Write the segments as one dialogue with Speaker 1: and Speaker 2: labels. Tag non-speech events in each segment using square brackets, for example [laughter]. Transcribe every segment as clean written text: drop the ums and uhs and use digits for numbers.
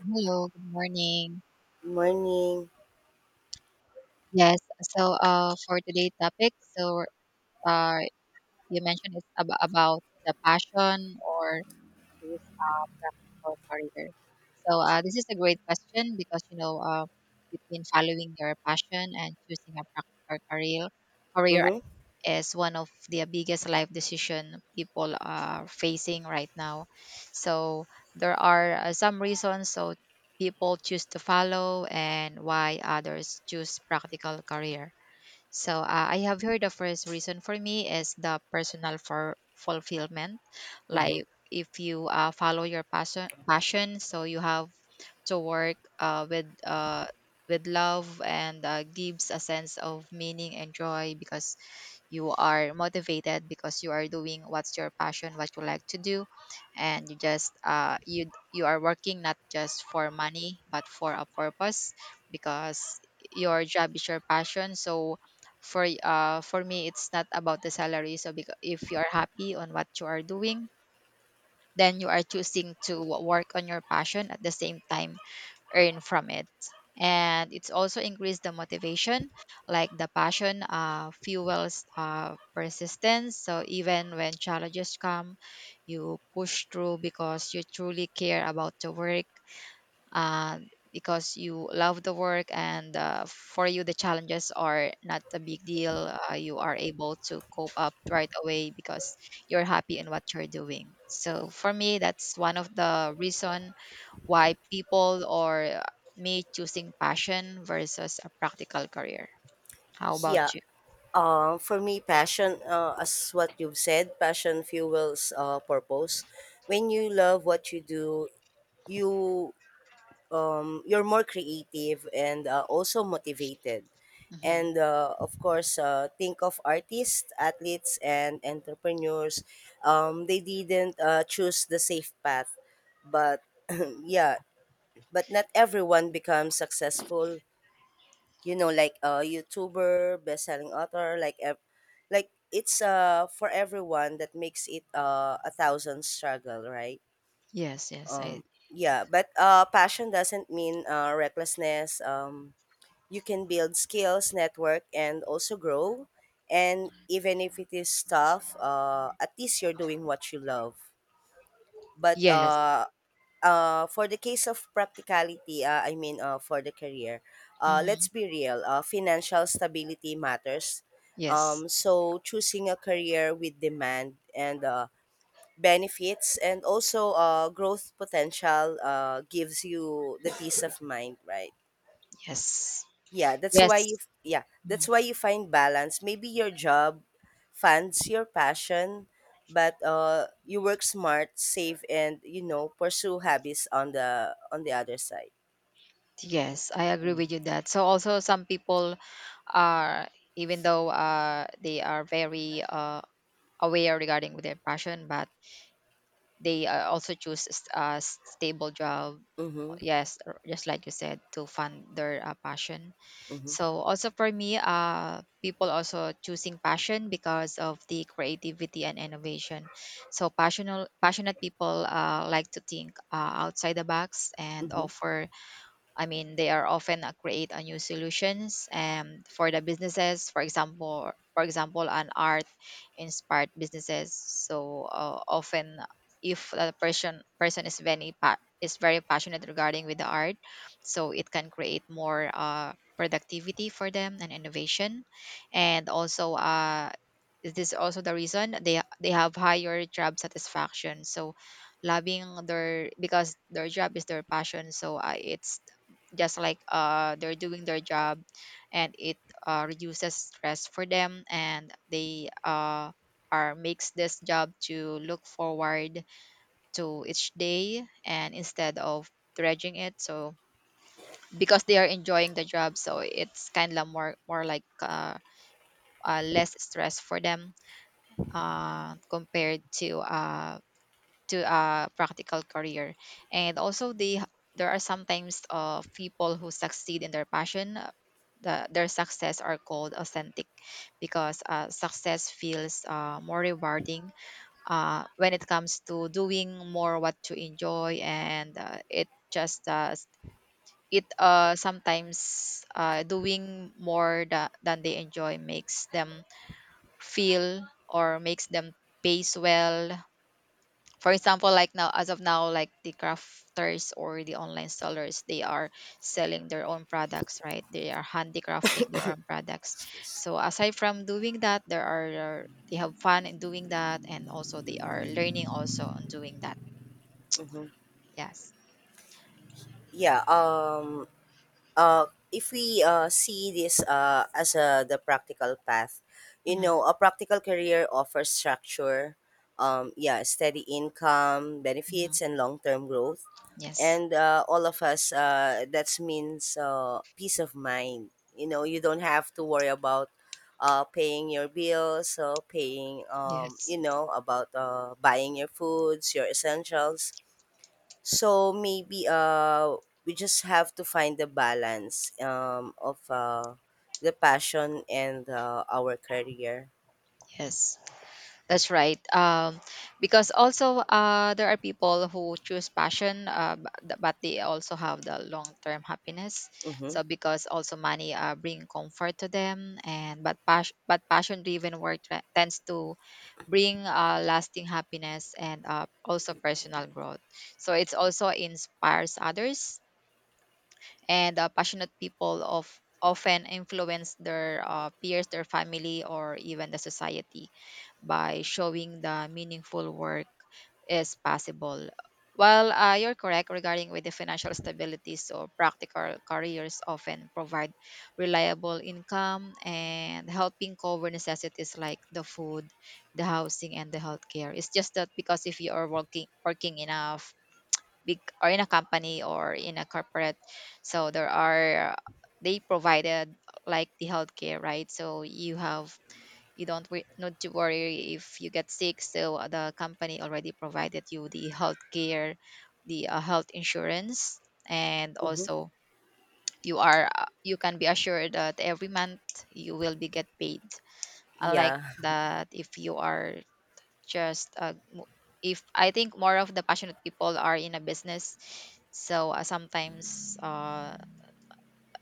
Speaker 1: Hello, good morning.
Speaker 2: Morning.
Speaker 1: Yes, so for today's topic, uh, you mentioned it's about the passion or choose a practical career. So this is a great question because between following your passion and choosing a practical career,
Speaker 2: Mm-hmm.
Speaker 1: is one of the biggest life decision people are facing right now. So there are some reasons so people choose to follow and why others choose practical career. So I have heard the first reason for me is the personal for fulfillment.
Speaker 2: Mm-hmm.
Speaker 1: Like if you follow your passion, so you have to work with love and gives a sense of meaning and joy because you are motivated because you are doing what's your passion what you like to do, and you just you are working not just for money but for a purpose because your job is your passion. So for for me it's not about the salary, so because if you are happy on what you are doing, then you are choosing to work on your passion at the same time earn from it. And it's also increased the motivation, like the passion fuels persistence. So even when challenges come, you push through because you truly care about the work, uh, because you love the work, and for you, the challenges are not a big deal. You are able to cope up right away because you're happy in what you're doing. So for me, that's one of the reason why people or me choosing passion versus a practical career. How
Speaker 2: Yeah.
Speaker 1: about you?
Speaker 2: For me, passion, as what you've said, passion fuels purpose. When you love what you do, you you're more creative and also motivated.
Speaker 1: Hmm.
Speaker 2: And of course, think of artists, athletes, and entrepreneurs. They didn't choose the safe path, but [clears throat] yeah, but not everyone becomes successful, like a YouTuber, best-selling author, like it's for everyone that makes it a thousand struggle, right?
Speaker 1: Yes, yes, I
Speaker 2: Um yeah, but passion doesn't mean recklessness. You can build skills, network, and also grow. And even if it is tough, at least you're doing what you love. But
Speaker 1: yes.
Speaker 2: For the case of practicality, I mean, for the career, let's
Speaker 1: Hmm.
Speaker 2: be real. Financial stability matters.
Speaker 1: Yes,
Speaker 2: So choosing a career with demand and benefits and also growth potential gives you the peace of mind, right?
Speaker 1: yes,
Speaker 2: Yeah, that's
Speaker 1: yes,
Speaker 2: why you f- yeah,
Speaker 1: mhm.
Speaker 2: that's why you find balance. Maybe your job funds your passion, but you work smart, save, and you know, pursue hobbies on the other side.
Speaker 1: Yes, I agree with
Speaker 2: Mhm.
Speaker 1: you that. So also some people are, even though they are very aware regarding with their passion, but they also choose a stable job.
Speaker 2: Mhm.
Speaker 1: Yes, just like you said, to fund their passion.
Speaker 2: Mhm.
Speaker 1: So also for me, people also choosing passion because of the creativity and innovation. So passionate people like to think outside the box and
Speaker 2: Mhm.
Speaker 1: offer, I mean, they are often create a new solutions for the businesses. For example, an art inspired businesses. So often, if the person is very is very passionate regarding with the art, so it can create more productivity for them and innovation, and also is this also the reason they have higher job satisfaction. So loving their because their job is their passion, so it's just like they're doing their job, and it reduces stress for them, and they are makes this job to look forward to each day, and instead of dredging it, so because they are enjoying the job, so it's kind of more like less stress for them compared to a practical career. And also they, there are sometimes people who succeed in their passion, their success are called authentic because success feels more rewarding when it comes to doing more what you enjoy, and it just it sometimes doing more than they enjoy makes them feel, or makes them pays well, for example, like now, as of now, like the crafters or the online sellers, they are selling their own products, right? They are handicrafting their own products,
Speaker 2: Excuse.
Speaker 1: so aside from doing that, there are they have fun in doing that, and also they are learning also on doing that.
Speaker 2: Mhm.
Speaker 1: Yes.
Speaker 2: Yeah, uh, if we see this uh, as the practical path, you know,
Speaker 1: Hmm.
Speaker 2: a practical career offers structure, yeah, steady income,
Speaker 1: Hmm.
Speaker 2: benefits, and long-term growth.
Speaker 1: Yes.
Speaker 2: And all of us, that means peace of mind. You know, you don't have to worry about paying your bills, so paying,
Speaker 1: Yes.
Speaker 2: you know, about buying your foods, your essentials. So maybe we just have to find the balance of the passion and our career.
Speaker 1: Yes. That's right. Because also there are people who choose passion, but they also have the long-term happiness. So
Speaker 2: Mhm.
Speaker 1: because also money bring comfort to them, and but but passion-driven work tends to bring lasting happiness and also personal growth. So it's also inspires others, and passionate people of often influence their peers, their family, or even the society by showing the meaningful work is possible. Well, you're correct regarding with the financial stability. So practical careers often provide reliable income and helping cover necessities like the food, the housing, and the healthcare. It's just that because if you are working in big or in a company or in a corporate, so there are they provided like the healthcare, right? So you have you don't need to worry if you get sick, so the company already provided you the health care, the health insurance, and
Speaker 2: Mhm.
Speaker 1: also you are you can be assured that every month you will be get paid, unlike
Speaker 2: Yeah.
Speaker 1: that if you are just if I think more of the passionate people are in a business, so sometimes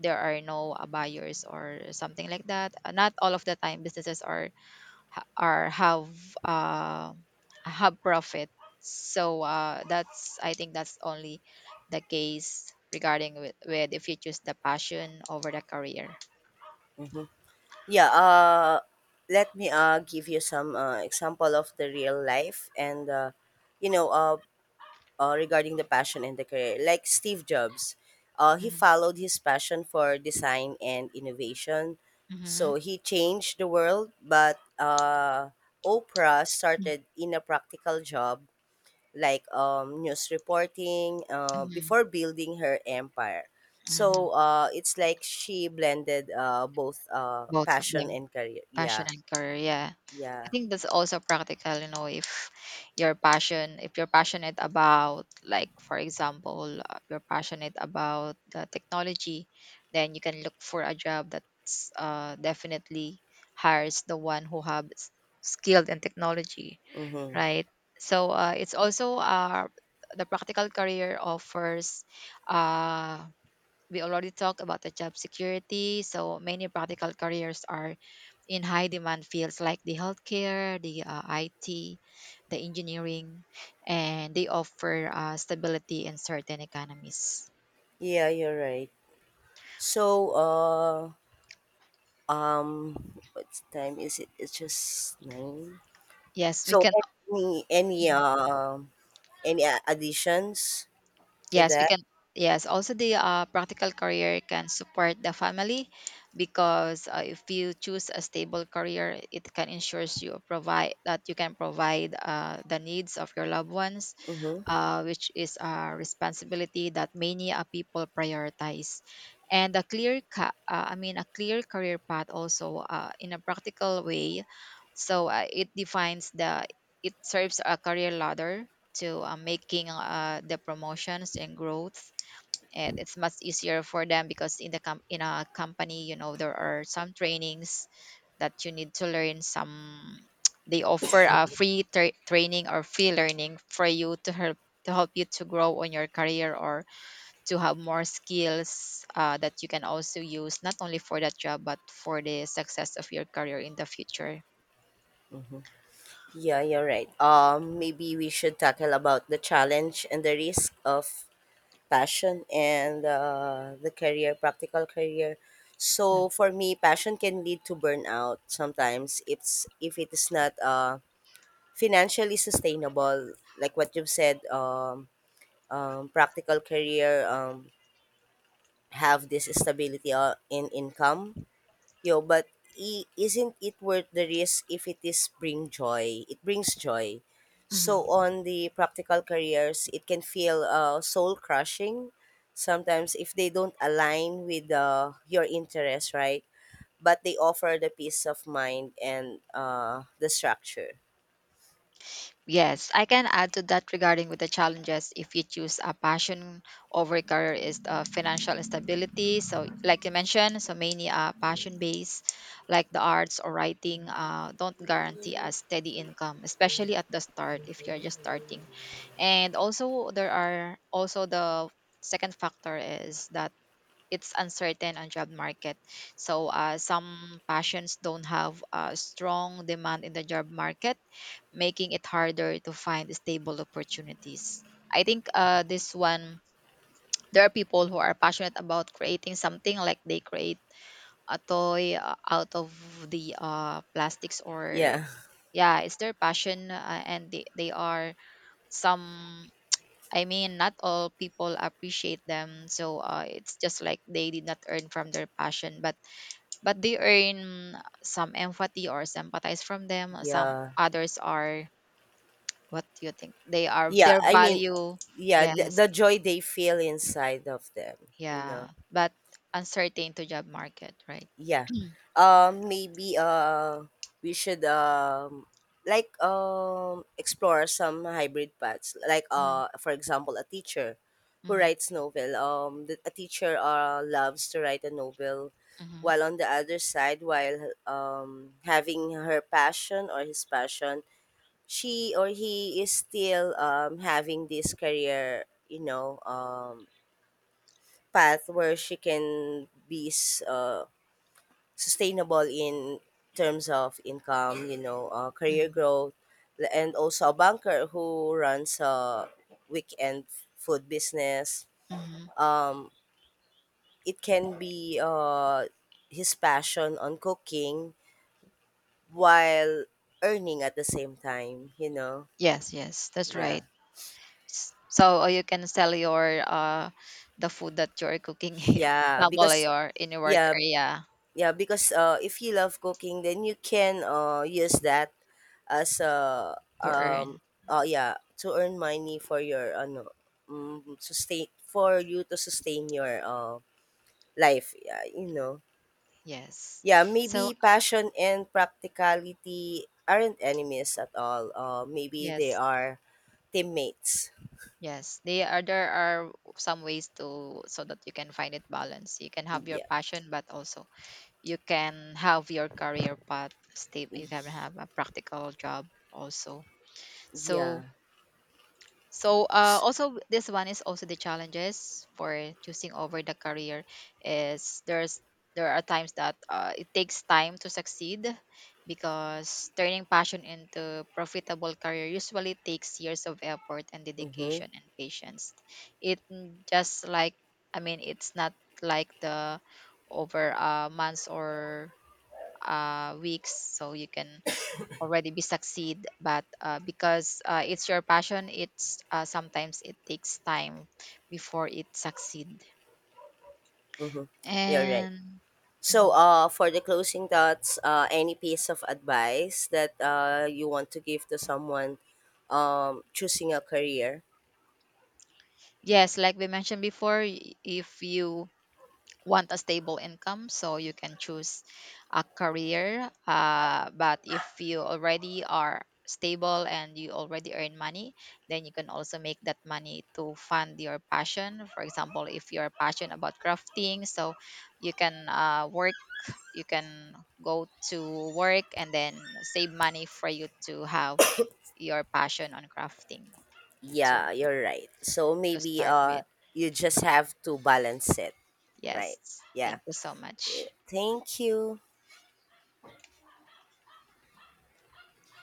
Speaker 1: there are no buyers or something like that. Not all of the time businesses are or uh, have profit. So that's I think that's only the case regarding with if you choose the passion over the career.
Speaker 2: Mhm. Yeah, let me give you some example of the real life and you know regarding the passion and the career. Like Steve Jobs, he
Speaker 1: Mm-hmm.
Speaker 2: followed his passion for design and innovation.
Speaker 1: Mm-hmm.
Speaker 2: So he changed the world, but Oprah started in a practical job like news reporting before building her empire.
Speaker 1: Mm-hmm.
Speaker 2: So it's like she blended both
Speaker 1: Both of
Speaker 2: passion
Speaker 1: them,
Speaker 2: and career.
Speaker 1: passion
Speaker 2: Yeah,
Speaker 1: and career. Yeah. I
Speaker 2: yeah.
Speaker 1: think that's also practical, you know, if your passion, if you're passionate about, like, for example, you're passionate about the technology, then you can look for a job that's definitely hires the one who have skilled in technology,
Speaker 2: Mm-hmm.
Speaker 1: right? So it's also the practical career offers uh, we already talked about the job security. So many practical careers are in high demand fields like the healthcare, the IT, the engineering, and they offer stability in certain economies.
Speaker 2: Yeah, you're right. So, uh, Um, what time is it? It's just 9.
Speaker 1: Yes, we
Speaker 2: So
Speaker 1: can.
Speaker 2: any any um additions to
Speaker 1: Yes, we
Speaker 2: that?
Speaker 1: can. Yes, also the practical career can support the family because if you choose a stable career, it can ensures you provide that you can provide the needs of your loved ones,
Speaker 2: Mm-hmm.
Speaker 1: which is a responsibility that many people prioritize. And a I mean, a clear career path also in a practical way. So it defines the, it serves a career ladder to making the promotions and growth, and it's much easier for them because in a company, you know, there are some trainings that you need to learn some [tsk] they offer a free training or free learning for you to help you to grow on your career or to have more skills that you can also use not only for that job but for the success of your career in the future.
Speaker 2: Mm-hmm. Yeah, you're right. Maybe we should tackle about the challenge and the risk of passion and the career, practical career. So for me, passion can lead to burnout sometimes. It's if it is not financially sustainable, like what you've said. Practical career have this stability in income yo but isn't it worth the risk if it is bring joy, it brings joy,
Speaker 1: Mhm.
Speaker 2: so on the practical careers it can feel soul crushing sometimes if they don't align with your interest, right? But they offer the peace of mind and the structure.
Speaker 1: Yes, I can add to that regarding with the challenges if you choose a passion over career is financial instability. So, like you mentioned, so many passion based, like the arts or writing, don't guarantee a steady income, especially at the start if you're just starting. And also, there are also the second factor is that it's uncertain on job market. So, some passions don't have a strong demand in the job market, making it harder to find stable opportunities. I think this one, there are people who are passionate about creating something, like they create a toy out of the plastics or,
Speaker 2: Yeah,
Speaker 1: yeah, it's their passion and they are some, I mean, not all people appreciate them. So it's just like they did not earn from their passion, but they earn some empathy or sympathize from them. Some
Speaker 2: yeah.
Speaker 1: others are, what do you think? They are
Speaker 2: Yeah,
Speaker 1: their
Speaker 2: I mean,
Speaker 1: value.
Speaker 2: yeah,
Speaker 1: Yes.
Speaker 2: the joy they feel inside of them, you
Speaker 1: Yeah.
Speaker 2: know.
Speaker 1: But uncertain to job market, right?
Speaker 2: Yeah. Maybe we should like explore some hybrid paths. Like
Speaker 1: Mm-hmm,
Speaker 2: for example, a teacher who
Speaker 1: mm-hmm,
Speaker 2: writes novel. A teacher loves to write a novel
Speaker 1: mm-hmm,
Speaker 2: while on the other side, while having her passion or his passion, she or he is still having this career, you know, path where she can be sustainable in terms of income, you know, career growth, and also a banker who runs a weekend food business.
Speaker 1: mm-hmm.
Speaker 2: Um, it can be his passion on cooking while earning at the same time, you know.
Speaker 1: Yes, yes, that's right.
Speaker 2: Yeah.
Speaker 1: So or you can sell your the food that you're cooking, [laughs]
Speaker 2: Yeah,
Speaker 1: example,
Speaker 2: because
Speaker 1: your in your work
Speaker 2: yeah,
Speaker 1: area
Speaker 2: Yeah, because if you love cooking, then you can use that as a
Speaker 1: to earn.
Speaker 2: um oh yeah, to earn money for your ano sustain, for you to sustain your life. Yeah, you know.
Speaker 1: Yes.
Speaker 2: Yeah,
Speaker 1: So
Speaker 2: maybe passion and practicality aren't enemies at all. Maybe they
Speaker 1: yes,
Speaker 2: are teammates.
Speaker 1: yes, they are there are some ways to so that you can find it balance. You can have your
Speaker 2: Yeah,
Speaker 1: passion, but also you can have your career path stable, you can have a practical job also, so
Speaker 2: yeah.
Speaker 1: so also this one is also the challenges for choosing over the career is there's there are times that it takes time to succeed because turning passion into profitable career usually takes years of effort and
Speaker 2: Mm-hmm.
Speaker 1: dedication and patience. It just like, I mean it's not like the over months or weeks, so you can already be succeed, but because it's your passion, it's sometimes it takes time before it succeed
Speaker 2: Mm-hmm. You're right.
Speaker 1: and
Speaker 2: So,
Speaker 1: Mhm.
Speaker 2: for the closing thoughts, any piece of advice that you want to give to someone choosing a career?
Speaker 1: Yes, like we mentioned before, if you want a stable income, so you can choose a career, but if you already are stable and you already earn money, then you can also make that money to fund your passion. For example, if you're passionate about crafting, so you can work, you can go to work and then save money for you to have your passion on crafting to
Speaker 2: Yeah, you're right. So
Speaker 1: to
Speaker 2: maybe
Speaker 1: start with.
Speaker 2: you just have to balance it, right?
Speaker 1: Yes, thank
Speaker 2: Yeah.
Speaker 1: you so much.
Speaker 2: Thank you.